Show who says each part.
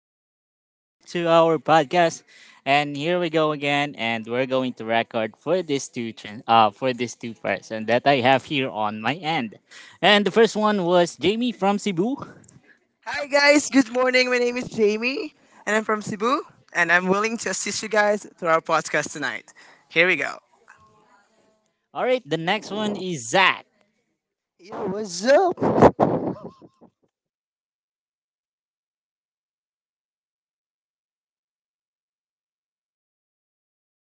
Speaker 1: Welcome back to our podcast, and here we go again, and we're going to record for this two parts, that I have here on my end, and the first one was Jamie from Cebu.
Speaker 2: Hi guys, good morning. My name is Jamie and I'm from Cebu and I'm willing to assist you guys through our podcast tonight. Here we go.
Speaker 1: All right, the next one is Zach
Speaker 3: Yo, what's up?